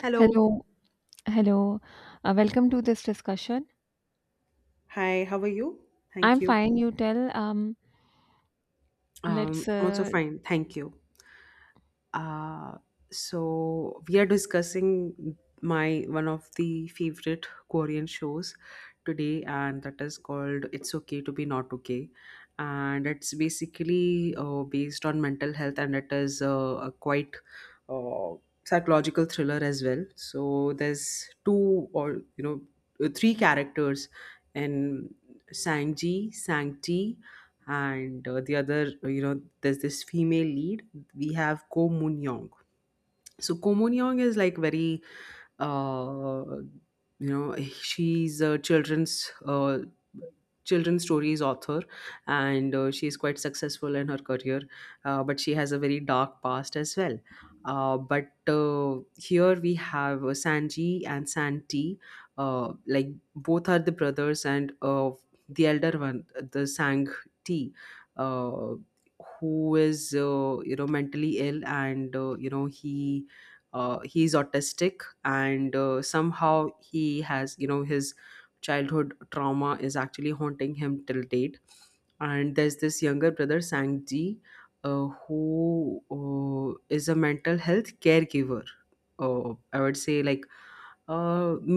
Hello. Hello, hello. Welcome to this discussion. Hi, how are you? I'm Thank you. fine. You tell. Let's. I'm also fine. Thank you. Uh, so we are discussing my one of the favorite Korean shows today, and that is called "It's Okay to Be Not Okay," and it's basically based on mental health, and it is a quite uh, psychological thriller as well. So there's two or three characters in Sangji, Sangti, and the other, you know, there's this female lead. We have Ko Moon Young. So Ko Moon Young is like very, uh, you know, she's a children's stories author, and she is quite successful in her career, but she has a very dark past as well. But here we have sanji and santi, like both are the brothers, and the elder one, the sang t, uh, who is, you know, mentally ill, and you know, he is autistic. And somehow he has, you know, his childhood trauma is actually haunting him till date. And there's this younger brother sangji, who is a mental health caregiver. I would say like a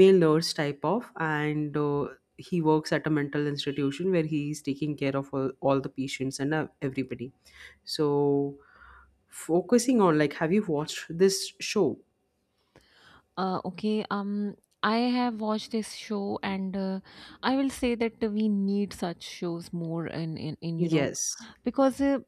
male nurse type of, and he works at a mental institution where he's taking care of all the patients and everybody. So focusing on, like, have you watched this show? Okay. I have watched this show, and I will say that we need such shows more in you know. Yes. Because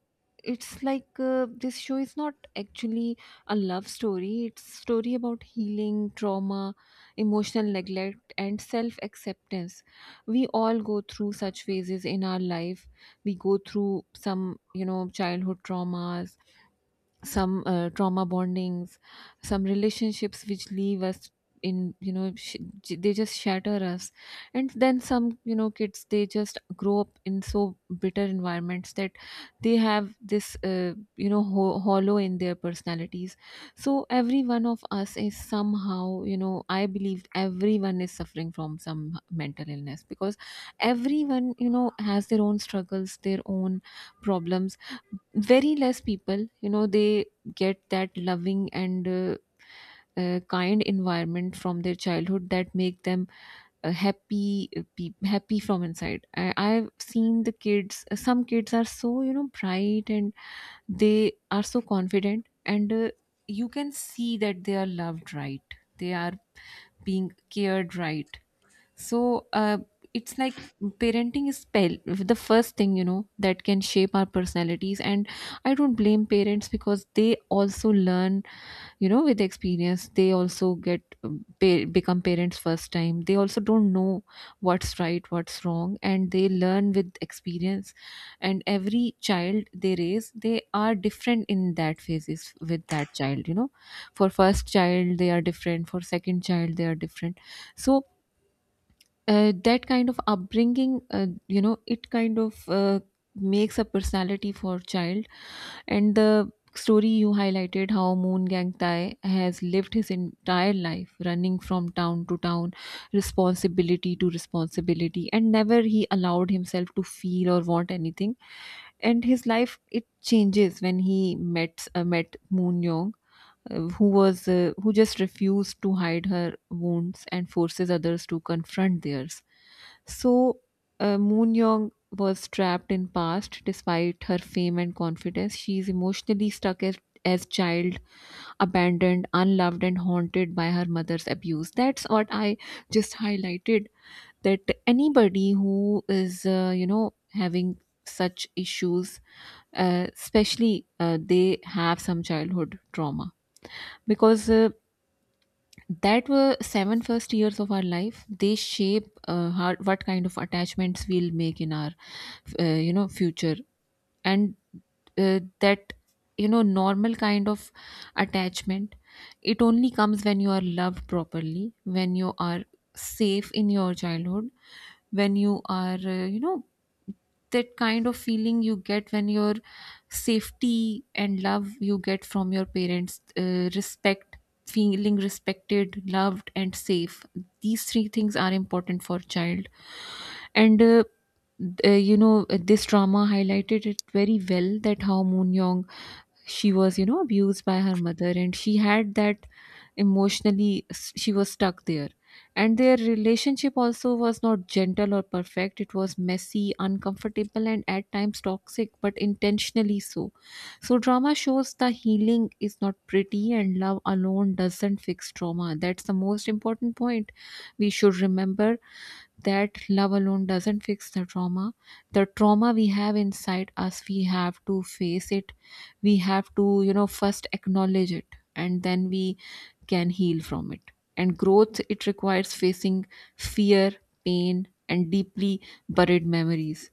it's like this show is not actually a love story, it's story about healing trauma, emotional neglect, and self acceptance. We all go through such phases in our life. We go through some, you know, childhood traumas, some trauma bondings, some relationships which leave us in, you know, they just shatter us. And then some, you know, kids, they just grow up in so bitter environments that they have this you know, hollow in their personalities. So every one of us is somehow, you know, I believe everyone is suffering from some mental illness, because everyone, you know, has their own struggles, their own problems. Very less people, you know, they get that loving and kind environment from their childhood that make them happy, happy from inside. I've seen the kids. Some kids are so, you know, bright, and they are so confident, and you can see that they are loved, right? They are being cared, right? So it's like parenting is spell the first thing, you know, that can shape our personalities. And I don't blame parents, because they also learn, you know, with experience. They also get, become parents first time. They also don't know what's right, what's wrong, and they learn with experience. And every child they raise, they are different in that phases with that child, you know. For first child they are different, for second child they are different. So that kind of upbringing, you know, it kind of makes a personality for child. And the story you highlighted how Moon Gang Thai has lived his entire life running from town to town, responsibility to responsibility, and never he allowed himself to feel or want anything. And his life, it changes when he met, met Moon Yong, who just refused to hide her wounds and forces others to confront theirs. So Moon Young was trapped in past despite her fame and confidence. She is emotionally stuck as child, abandoned, unloved, and haunted by her mother's abuse. That's what I just highlighted. That anybody who is, you know, having such issues, especially they have some childhood trauma. Because that were seven first years of our life, they shape how, what kind of attachments we'll make in our, you know, future. And that, you know, normal kind of attachment, it only comes when you are loved properly, when you are safe in your childhood, when you are, you know, that kind of feeling you get when your safety and love you get from your parents, respect, feeling respected, loved, and safe. These three things are important for child. And you know, this drama highlighted it very well, that how Moon Young, she was, you know, abused by her mother, and she had that emotionally, she was stuck there. And their relationship also was not gentle or perfect, it was messy, uncomfortable, and at times toxic, but intentionally so. So drama shows the healing is not pretty and love alone doesn't fix trauma. That's the most important point we should remember, that love alone doesn't fix the trauma. The trauma we have inside us, we have to face it. We have to, you know, first acknowledge it, and then we can heal from it. And growth, it requires facing fear, pain, and deeply buried memories.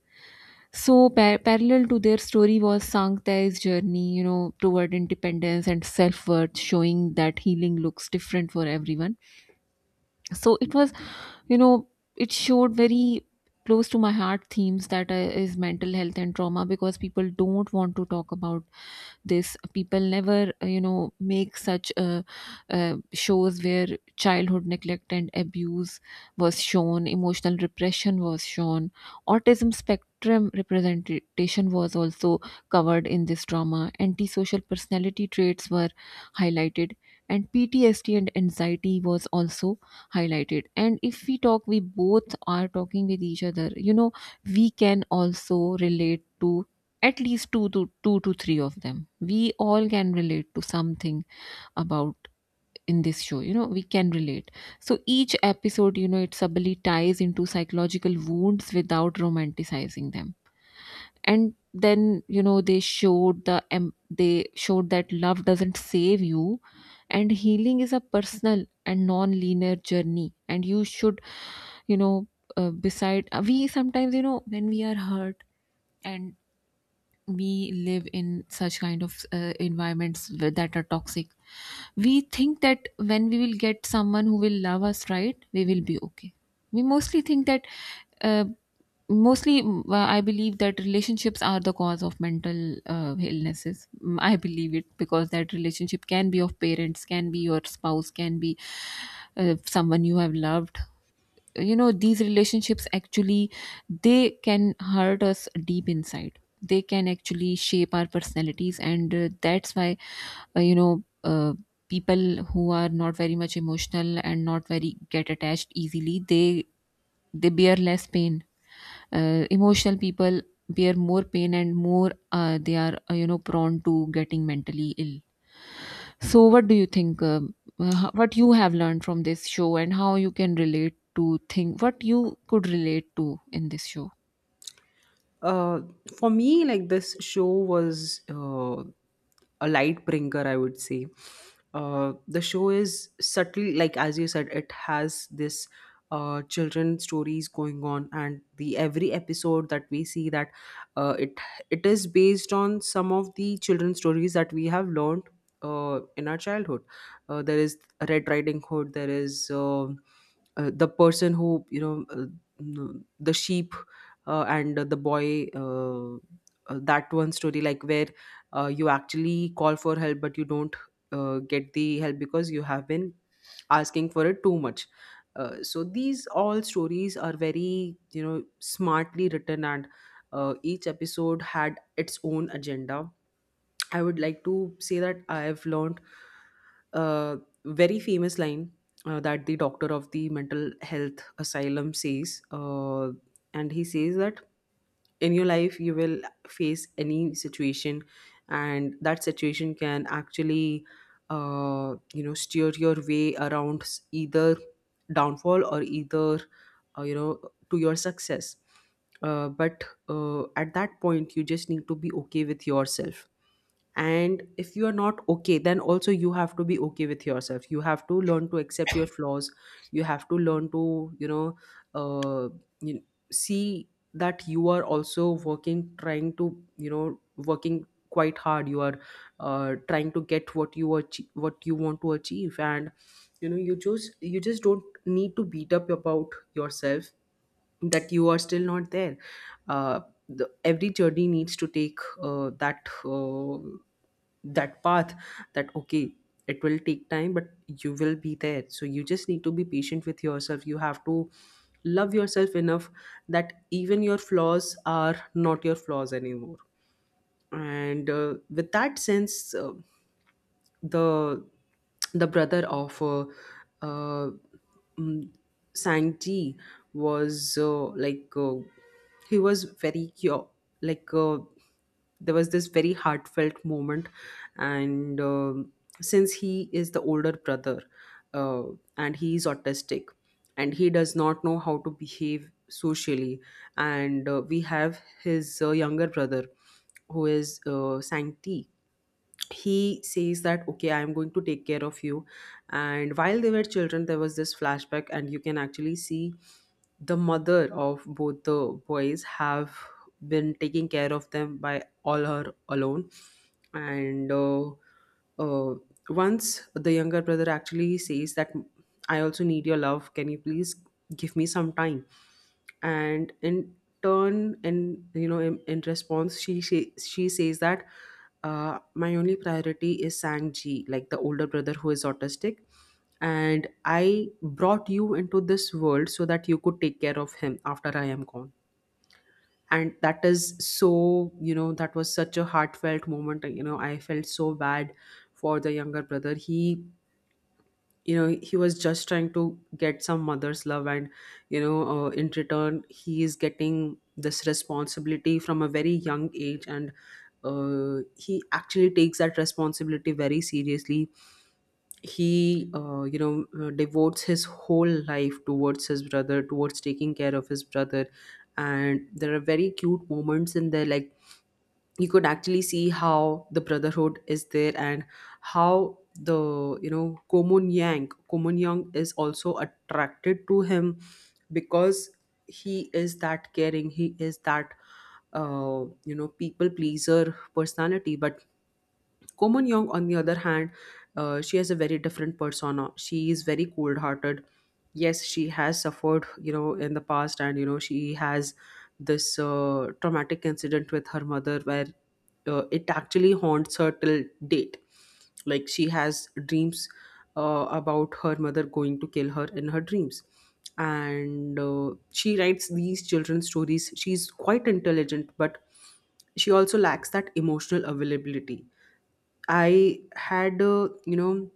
So, parallel to their story was Sangta's journey, you know, toward independence and self worth, showing that healing looks different for everyone. So, it was, you know, it showed very close to my heart themes, that is mental health and trauma, because people don't want to talk about this. People never, you know, make such shows where childhood neglect and abuse was shown, emotional repression was shown, autism spectrum representation was also covered in this drama, antisocial personality traits were highlighted, and PTSD and anxiety was also highlighted. And if we talk, we both are talking with each other, you know, we can also relate to at least two to three of them. We all can relate to something about in this show, you know, we can relate. So each episode, you know, it subtly ties into psychological wounds without romanticizing them. And then, you know, they showed they showed that love doesn't save you and healing is a personal and non-linear journey. And you should, you know, beside, we sometimes, you know, when we are hurt, and we live in such kind of environments that are toxic, we think that when we will get someone who will love us right, we will be okay. We mostly think that. uh, Mostly I believe that relationships are the cause of mental illnesses. I believe it, because that relationship can be of parents, can be your spouse, can be someone you have loved. You know, these relationships actually, they can hurt us deep inside, they can actually shape our personalities. And that's why, uh, you know uh, people who are not very much emotional and not very get attached easily, they bear less pain. Emotional people bear more pain, and more, they are, you know, prone to getting mentally ill. So, what do you think? Uh, what you have learned from this show, and how you can relate to thing? What you could relate to in this show? Uh, for me, like, this show was a light bringer, I would say. The show is subtly, like as you said, it has this children stories going on, and the every episode that we see that uh, it it is based on some of the children stories that we have learned in our childhood. There is Red Riding Hood. There is. The person who, you know, the sheep and the boy, that one story like where you actually call for help but you don't get the help because you have been asking for it too much. So these all stories are very, you know, smartly written, and each episode had its own agenda. I would like to say that I have learned a very famous line that the doctor of the mental health asylum says, and he says that in your life you will face any situation, and that situation can actually you know steer your way around either downfall or either, you know, to your success. But at that point you just need to be okay with yourself. And if you are not okay, then also you have to be okay with yourself. You have to learn to accept your flaws. You have to learn to, you know, uh, you see that you are also working, trying to, you know, working quite hard. You are trying to get what you achieve, what you want to achieve, and you know, you just don't need to beat up about yourself that you are still not there. Uh, every journey needs to take that path. That okay, it will take time, but you will be there. So you just need to be patient with yourself. You have to love yourself enough that even your flaws are not your flaws anymore. And with that sense. The the brother of uh, mm, Sankti was like, he was very like, there was this very heartfelt moment. And um, since he is the older brother uh, and he is autistic and he does not know how to behave socially, and we have his younger brother who is, Sankti, he says that okay, I'm going to take care of you. And while they were children, there was this flashback and you can actually see the mother of both the boys have been taking care of them by all her alone. And uh, once the younger brother actually says that I also need your love, can you please give me some time. And in turn, in you know, in response, she says that, my only priority is Sanji, like the older brother who is autistic. And I brought you into this world so that you could take care of him after I am gone. And that is so, you know, that was such a heartfelt moment. You know, I felt so bad for the younger brother. He, you know, he was just trying to get some mother's love, and you know, in return he is getting this responsibility from a very young age. And he actually takes that responsibility very seriously. He, you know, devotes his whole life towards his brother, towards taking care of his brother. And there are very cute moments in there, like you could actually see how the brotherhood is there and how the, you know, Komun Yang is also attracted to him because he is that caring, he is that, you know, people pleaser personality. But Komon Young, on the other hand, she has a very different persona. She is very cold-hearted. Yes, she has suffered, you know, in the past, and you know, she has this traumatic incident with her mother where it actually haunts her till date. Like she has dreams about her mother going to kill her in her dreams. And she writes these children's stories, she's quite intelligent, but she also lacks that emotional availability. I had, you know,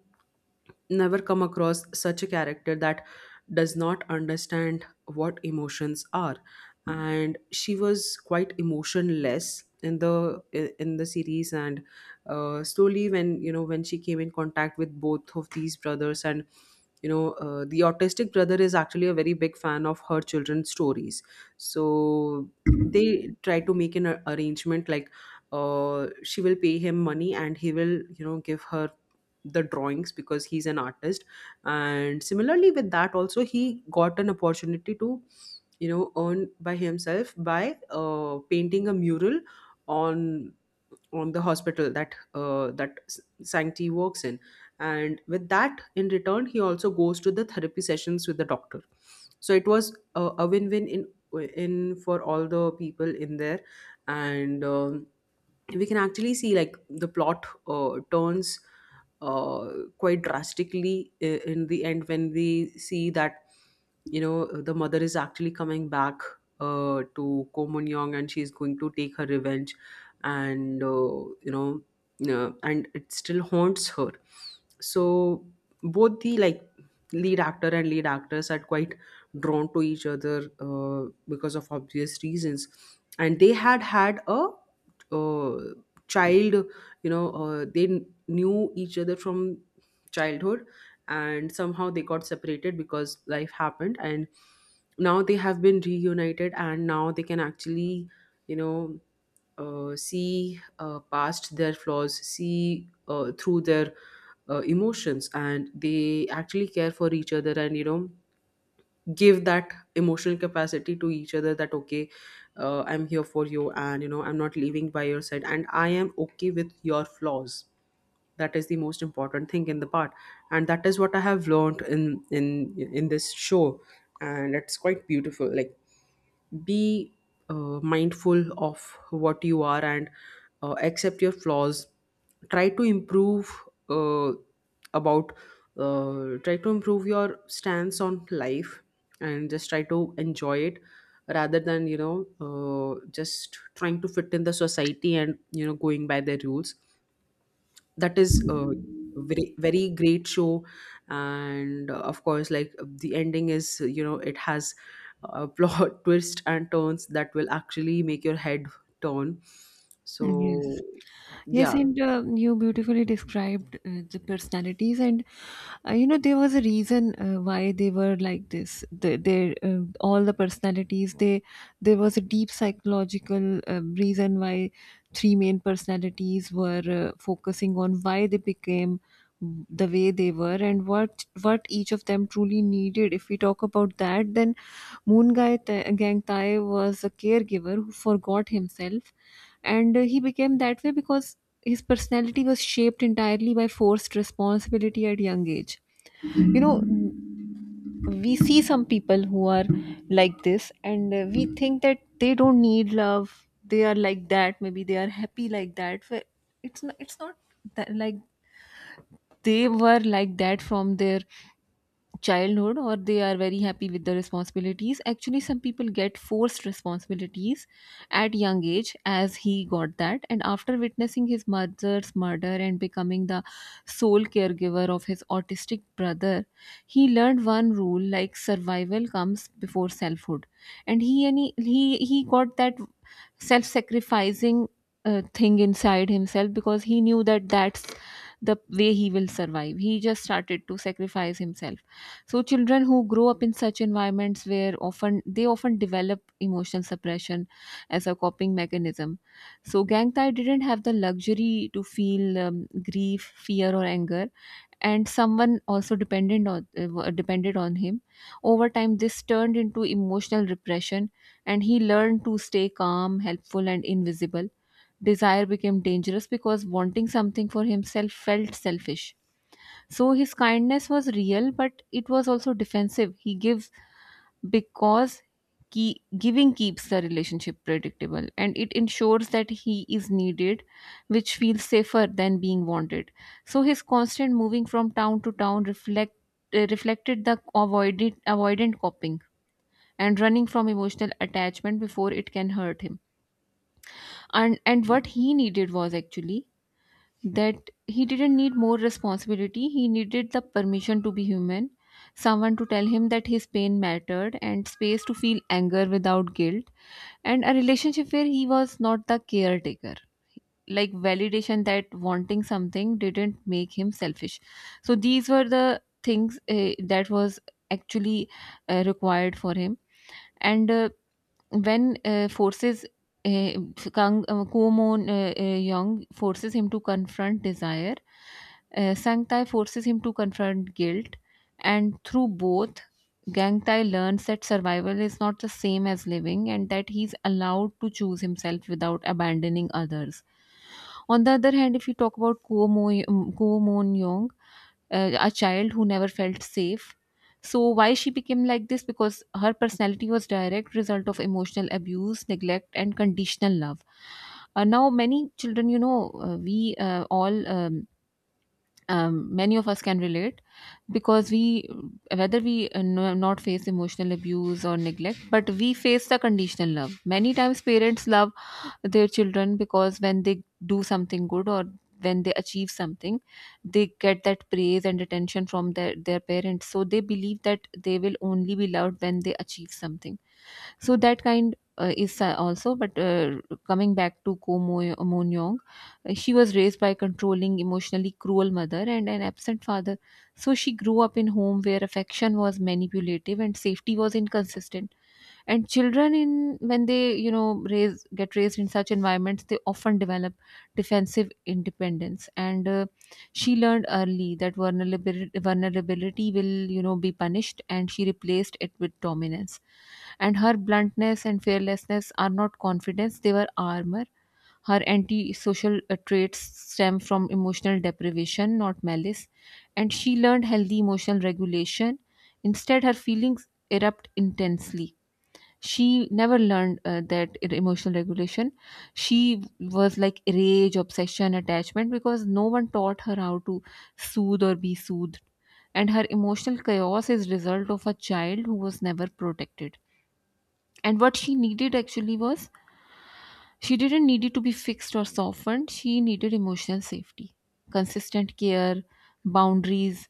never come across such a character that does not understand what emotions are. And she was quite emotionless in the series. And slowly, when you know, when she came in contact with both of these brothers, and you know, the autistic brother is actually a very big fan of her children's stories. So they try to make arrangement, like, she will pay him money and he will, you know, give her the drawings because he's an artist. And similarly with that, also he got an opportunity to, you know, earn by himself by painting a mural on the hospital that S- Sankti works in. And with that, in return, he also goes to the therapy sessions with the doctor. So it was a win-win in for all the people in there. And we can actually see, like, the plot turns uh, quite drastically in the end, when we see that, you know, the mother is actually coming back to Ko Mun Young and she's going to take her revenge. And you know, and it still haunts her. So both the, like, lead actor and lead actress are quite drawn to each other because of obvious reasons. And they had had a uh, child. You know, they knew each other from childhood, and somehow they got separated because life happened. And now they have been reunited, and now they can actually, you know, see past their flaws, see through their emotions, and they actually care for each other. And you know, give that emotional capacity to each other, that okay, I'm here for you, and you know, I'm not leaving by your side, and I am okay with your flaws. That is the most important thing in the part, and that is what I have learned in in this show. And it's quite beautiful, like, be mindful of what you are, and accept your flaws, try to improve uh, about try to improve your stance on life and just try to enjoy it rather than, you know, just trying to fit in the society and you know going by their rules. That is a very great show. And of course, like, the ending is, you know, it has a plot twist and turns that will actually make your head turn. Yes. So Yes, yeah. and you beautifully described the personalities. And you know, there was a reason why they were like this. Their all the personalities, they there was a deep psychological reason why three main personalities were, focusing on why they became the way they were and what each of them truly needed. If we talk about that, then Moon Gangtai was a caregiver who forgot himself, and he became that way because his personality was shaped entirely by forced responsibility at young age. You know, we see some people who are like this, and we think that they don't need love. They are like that. Maybe they are happy like that. But it's not. It's not that, like, they were like that from their childhood or they are very happy with the responsibilities. Actually some people get forced responsibilities at young age, as he got that. And after witnessing his mother's murder and becoming the sole caregiver of his autistic brother, he learned one rule, like survival comes before selfhood. And he got that self-sacrificing thing inside himself, because he knew that that's the way he will survive. He just started to sacrifice himself. So children who grow up in such environments where often they often develop emotional suppression as a coping mechanism. So Gangtai didn't have the luxury to feel grief, fear, or anger, and someone also dependent on, depended on him. Over time this turned into emotional repression, and he learned to stay calm, helpful, and invisible. Desire became dangerous because wanting something for himself felt selfish. So his kindness was real, but it was also defensive. He gives because key, giving keeps the relationship predictable, and it ensures that he is needed, which feels safer than being wanted. So his constant moving from town to town reflected the avoidant coping and running from emotional attachment before it can hurt him. And what he needed was actually that he didn't need more responsibility, he needed the permission to be human, someone to tell him that his pain mattered, and space to feel anger without guilt, and a relationship where he was not the caretaker, like validation that wanting something didn't make him selfish. So these were the things that was actually required for him. And when forces, uh, Kang, Kumon Young forces him to confront desire, Sang Tai forces him to confront guilt, and through both, Gang Tai learns that survival is not the same as living, and that he's allowed to choose himself without abandoning others. On the other hand, if you talk about Kuomon Young, a child who never felt safe. So why she became like this? Because her personality was direct result of emotional abuse neglect and conditional love. Now many children, you know, we all many of us can relate because we whether we no, not face emotional abuse or neglect, but we face the conditional love many times. Parents love their children because when they do something good, or when they achieve something, they get that praise and attention from their parents, so they believe that they will only be loved when they achieve something. So that kind is also, but coming back to mon yong, she was raised by controlling emotionally cruel mother and an absent father. So she grew up in home where affection was manipulative and safety was inconsistent. And children in when they, you know, raise get raised in such environments, they often develop defensive independence, and she learned early that vulnerability will, you know, be punished, and she replaced it with dominance. And her bluntness and fearlessness are not confidence, they were armor. Her antisocial traits stem from emotional deprivation, not malice. And she learned healthy emotional regulation. Instead her feelings erupt intensely. She never learned that emotional regulation. She was like rage, obsession, attachment, because no one taught her how to soothe or be soothed. And her emotional chaos is result of a child who was never protected. And what she needed actually was, she didn't need it to be fixed or softened. She needed emotional safety, consistent care, boundaries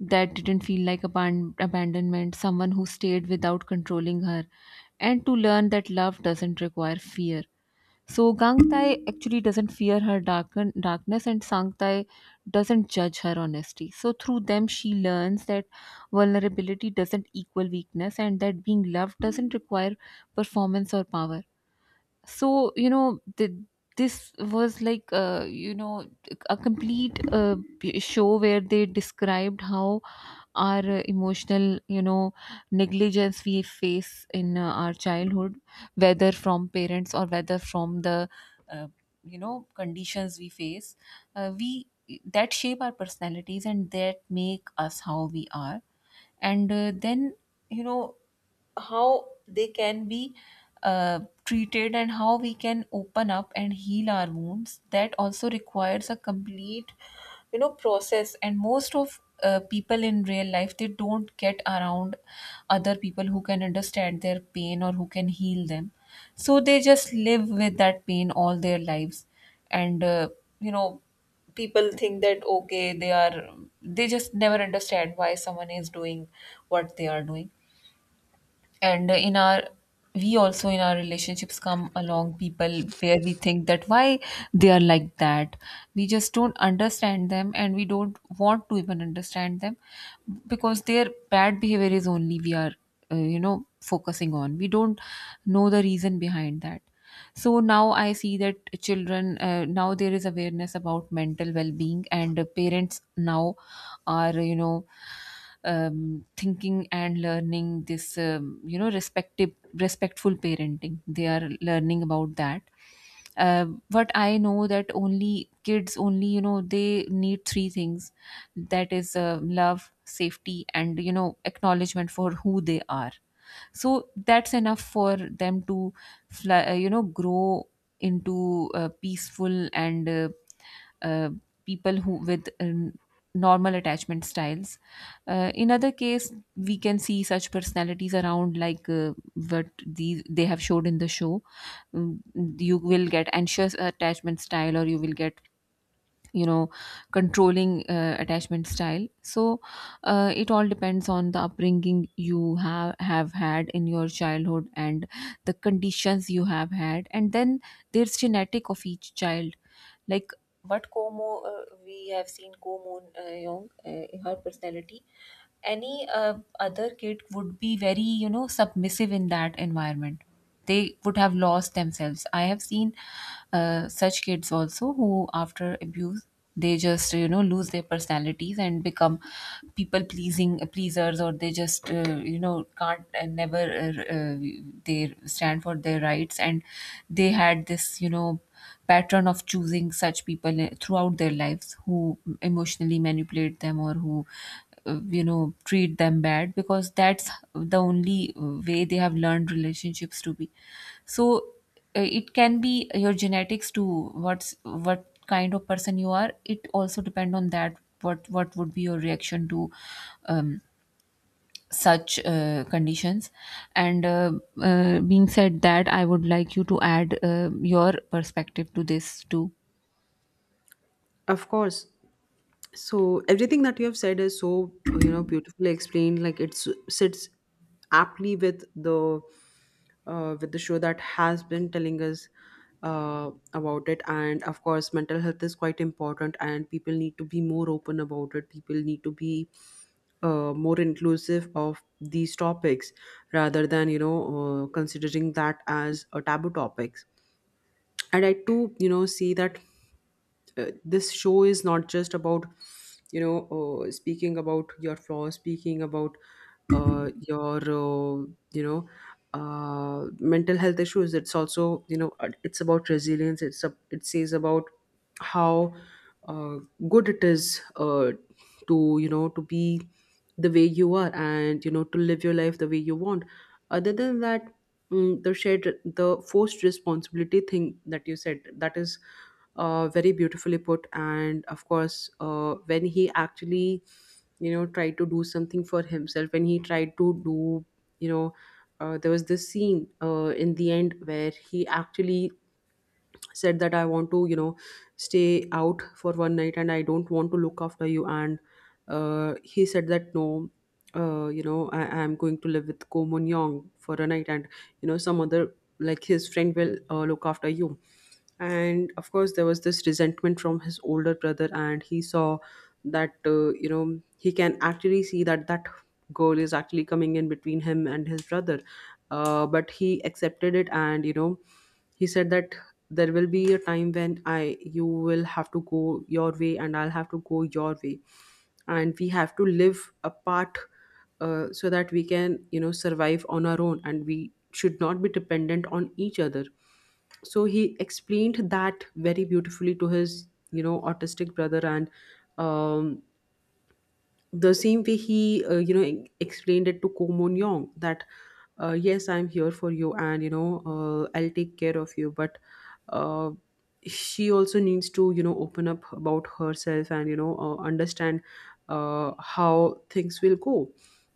that didn't feel like abandonment, someone who stayed without controlling her, and to learn that love doesn't require fear. So Gang Tai actually doesn't fear her darkness, and Sang Tai doesn't judge her honesty. So through them she learns that vulnerability doesn't equal weakness and that being loved doesn't require performance or power. So you know this was like, you know, a complete show where they described how our emotional, you know, negligence we face in our childhood, whether from parents or whether from the uh, you know conditions we face. We That shape our personalities and that make us how we are. And then, you know, how they can be treated, and how we can open up and heal our wounds. That also requires a complete, you know, process. And most of people in real life, they don't get around other people who can understand their pain or who can heal them, so they just live with that pain all their lives. And you know, people think that okay, they are, they just never understand why someone is doing what they are doing. And in our we also, in our relationships, come along people where we think that why they are like that. We just don't understand them, and we don't want to even understand them, because their bad behavior is only we are you know focusing on. We don't know the reason behind that. So now I see that children now there is awareness about mental well-being, and parents now are, you know, thinking and learning this, you know, respective respectful parenting, they are learning about that. But I know that only kids, only, you know, they need three things, that is love, safety, and, you know, acknowledgement for who they are. So that's enough for them to fly, you know, grow into peaceful and uh, people who with normal attachment styles. In other case, we can see such personalities around, like what these they have showed in the show. Mm, you will get anxious attachment style, or you will get, you know, controlling attachment style. So it all depends on the upbringing you have had in your childhood, and the conditions you have had, and then there's genetic of each child. Like what Como we have seen Como, Young, her personality, any other kid would be very, you know, submissive in that environment. They would have lost themselves. I have seen such kids also who after abuse, they just, you know, lose their personalities and become people pleasing pleasers, or they just, you know, can't, and never they stand for their rights. And they had this, you know, pattern of choosing such people throughout their lives, who emotionally manipulate them, or who you know treat them bad, because that's the only way they have learned relationships to be. So it can be your genetics to what's what kind of person you are, it also depend on that, what would be your reaction to um, such conditions. And being said that, I would like you to add your perspective to this too. Of course. So everything that you have said is so, you know, beautifully explained. Like it sits aptly with the show that has been telling us about it. And of course, mental health is quite important, and people need to be more open about it. People need to be more inclusive of these topics rather than considering that as a taboo topics. And I too, you know, see that this show is not just about speaking about your flaws, speaking about your you know mental health issues. It's also, you know, it's about resilience. It says about how uh, good it is to, you know, to be the way you are, and you know, to live your life the way you want. Other than that, the forced responsibility thing that you said, that is very beautifully put. And of course, when he actually, you know, tried to do something for himself, when he tried to do, you know there was this scene in the end where he actually said that I want to, you know, stay out for one night and I don't want to look after you. And he said that no, you know, I'm going to live with Ko Mun Yong for a night, and you know, some other, like, his friend will look after you. And of course, there was this resentment from his older brother, and he saw that, you know, he can actually see that that girl is actually coming in between him and his brother. But he accepted it, and you know, he said that there will be a time when I you will have to go your way and I'll have to go your way, and we have to live apart, so that we can, you know, survive on our own, and we should not be dependent on each other. So he explained that very beautifully to his, you know, autistic brother. And um, the same way he you know, explained it to Komon Yong that yes, I'm here for you, and you know, I'll take care of you, but uh, she also needs to, you know, open up about herself, and you know, understand how things will go.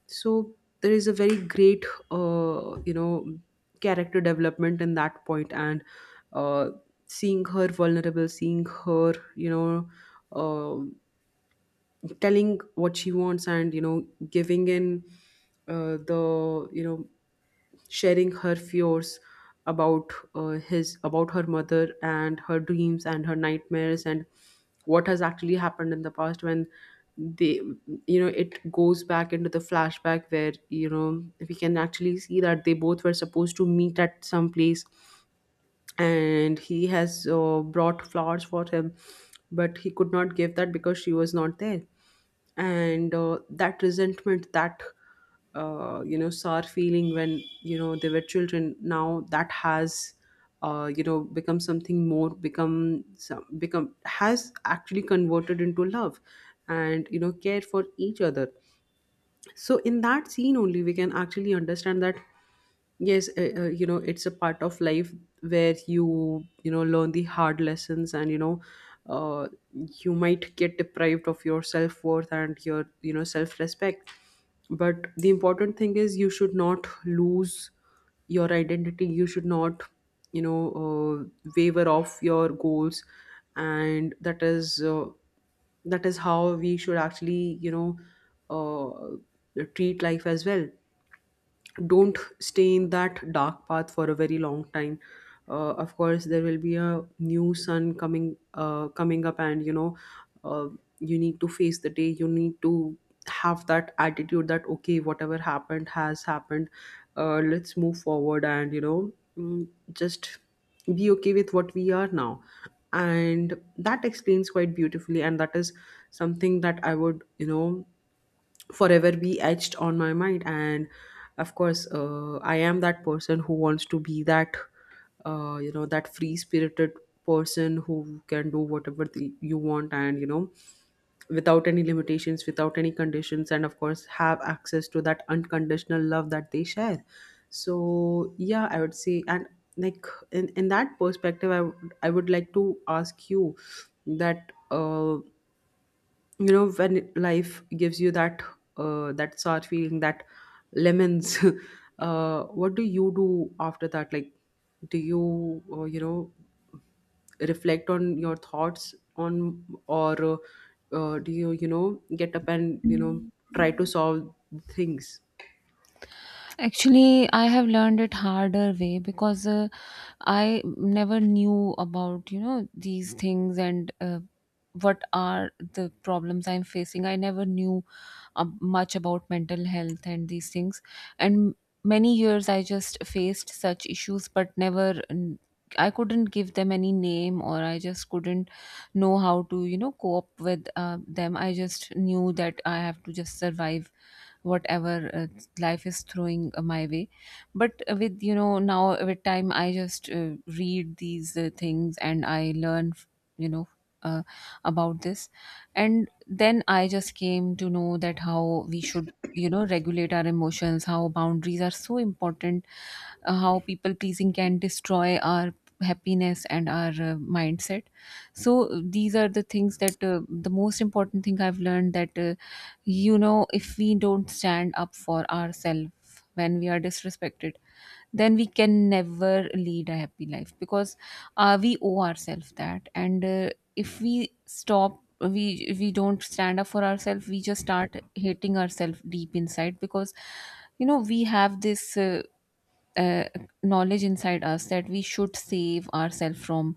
So there is a very great you know, character development in that point. And uh, seeing her vulnerable, seeing her, you know, uh, telling what she wants, and you know, giving in, the, you know, sharing her fears about his about her mother, and her dreams and her nightmares, and what has actually happened in the past when they, you know, it goes back into the flashback where, you know, we can actually see that they both were supposed to meet at some place, and he has brought flowers for him, but he could not give that because she was not there. And that resentment, that you know, sour feeling when, you know, they were children, now that has you know, become something more, become some become has actually converted into love and, you know, care for each other. So in that scene only, we can actually understand that yes, you know, it's a part of life where you know, learn the hard lessons. And you know, uh, you might get deprived of your self-worth and your, you know, self-respect, but the important thing is you should not lose your identity, you should not, waver off your goals. And that is how we should actually, you know, treat life as well. Don't stay in that dark path for a very long time. Of course, there will be a new sun coming up, and you know, uh, you need to face the day, you need to have that attitude that okay, whatever happened has happened, let's move forward, and you know, mm, just be okay with what we are now. And that explains quite beautifully, and that is something that I would, you know, forever be etched on my mind. And of course, I am that person who wants to be that you know, that free spirited person who can do whatever you want, and you know, without any limitations, without any conditions, and of course, have access to that unconditional love that they share. So yeah, I would say, and like, in that perspective, I would like to ask you that you know, when life gives you that that sour feeling, that lemons, what do you do after that? Like, do you, you know, reflect on your thoughts, on, or do you, you know, get up and, you know, try to solve things? Actually, I have learned it harder way because I never knew about, you know, these things and what are the problems I'm facing. I never knew much about mental health and these things. And many years I just faced such issues, but never I couldn't give them any name, or I just couldn't know how to, you know, cope with them. I just knew that I have to just survive whatever life is throwing my way. But with, you know, now with time, I just read these things and I learn, you know, uh, about this. And then I just came to know that how we should, you know, regulate our emotions, how boundaries are so important, how people pleasing can destroy our happiness and our mindset. So these are the things that, the most important thing I've learned, that, you know, if we don't stand up for ourselves when we are disrespected, then we can never lead a happy life. Because we owe ourselves that. And if we don't stand up for ourselves, we just start hating ourselves deep inside, because, you know, we have this uh, knowledge inside us that we should save ourselves from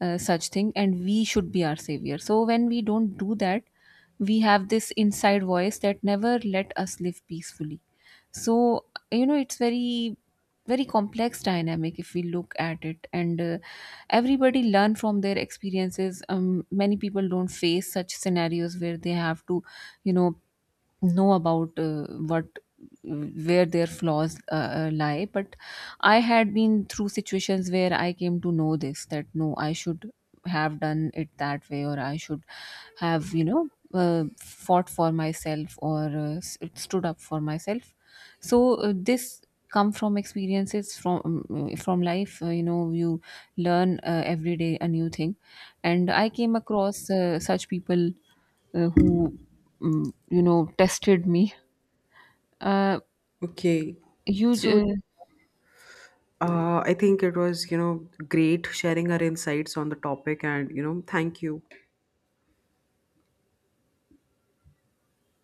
such thing, and we should be our savior. So when we don't do that, we have this inside voice that never let us live peacefully. So, you know, it's very complex dynamic if we look at it. And everybody learn from their experiences. Many people don't face such scenarios where they have to, you know about what where their flaws lie. But I had been through situations where I came to know this, that no, I should have done it that way, or I should have, you know, fought for myself, or stood up for myself. So this come from experiences from, from life. You know, you learn every day a new thing. And I came across such people who, mm, you know, tested me. Uh, Okay, you j- so uh, I think it was, you know, great sharing our insights on the topic, and you know, thank you.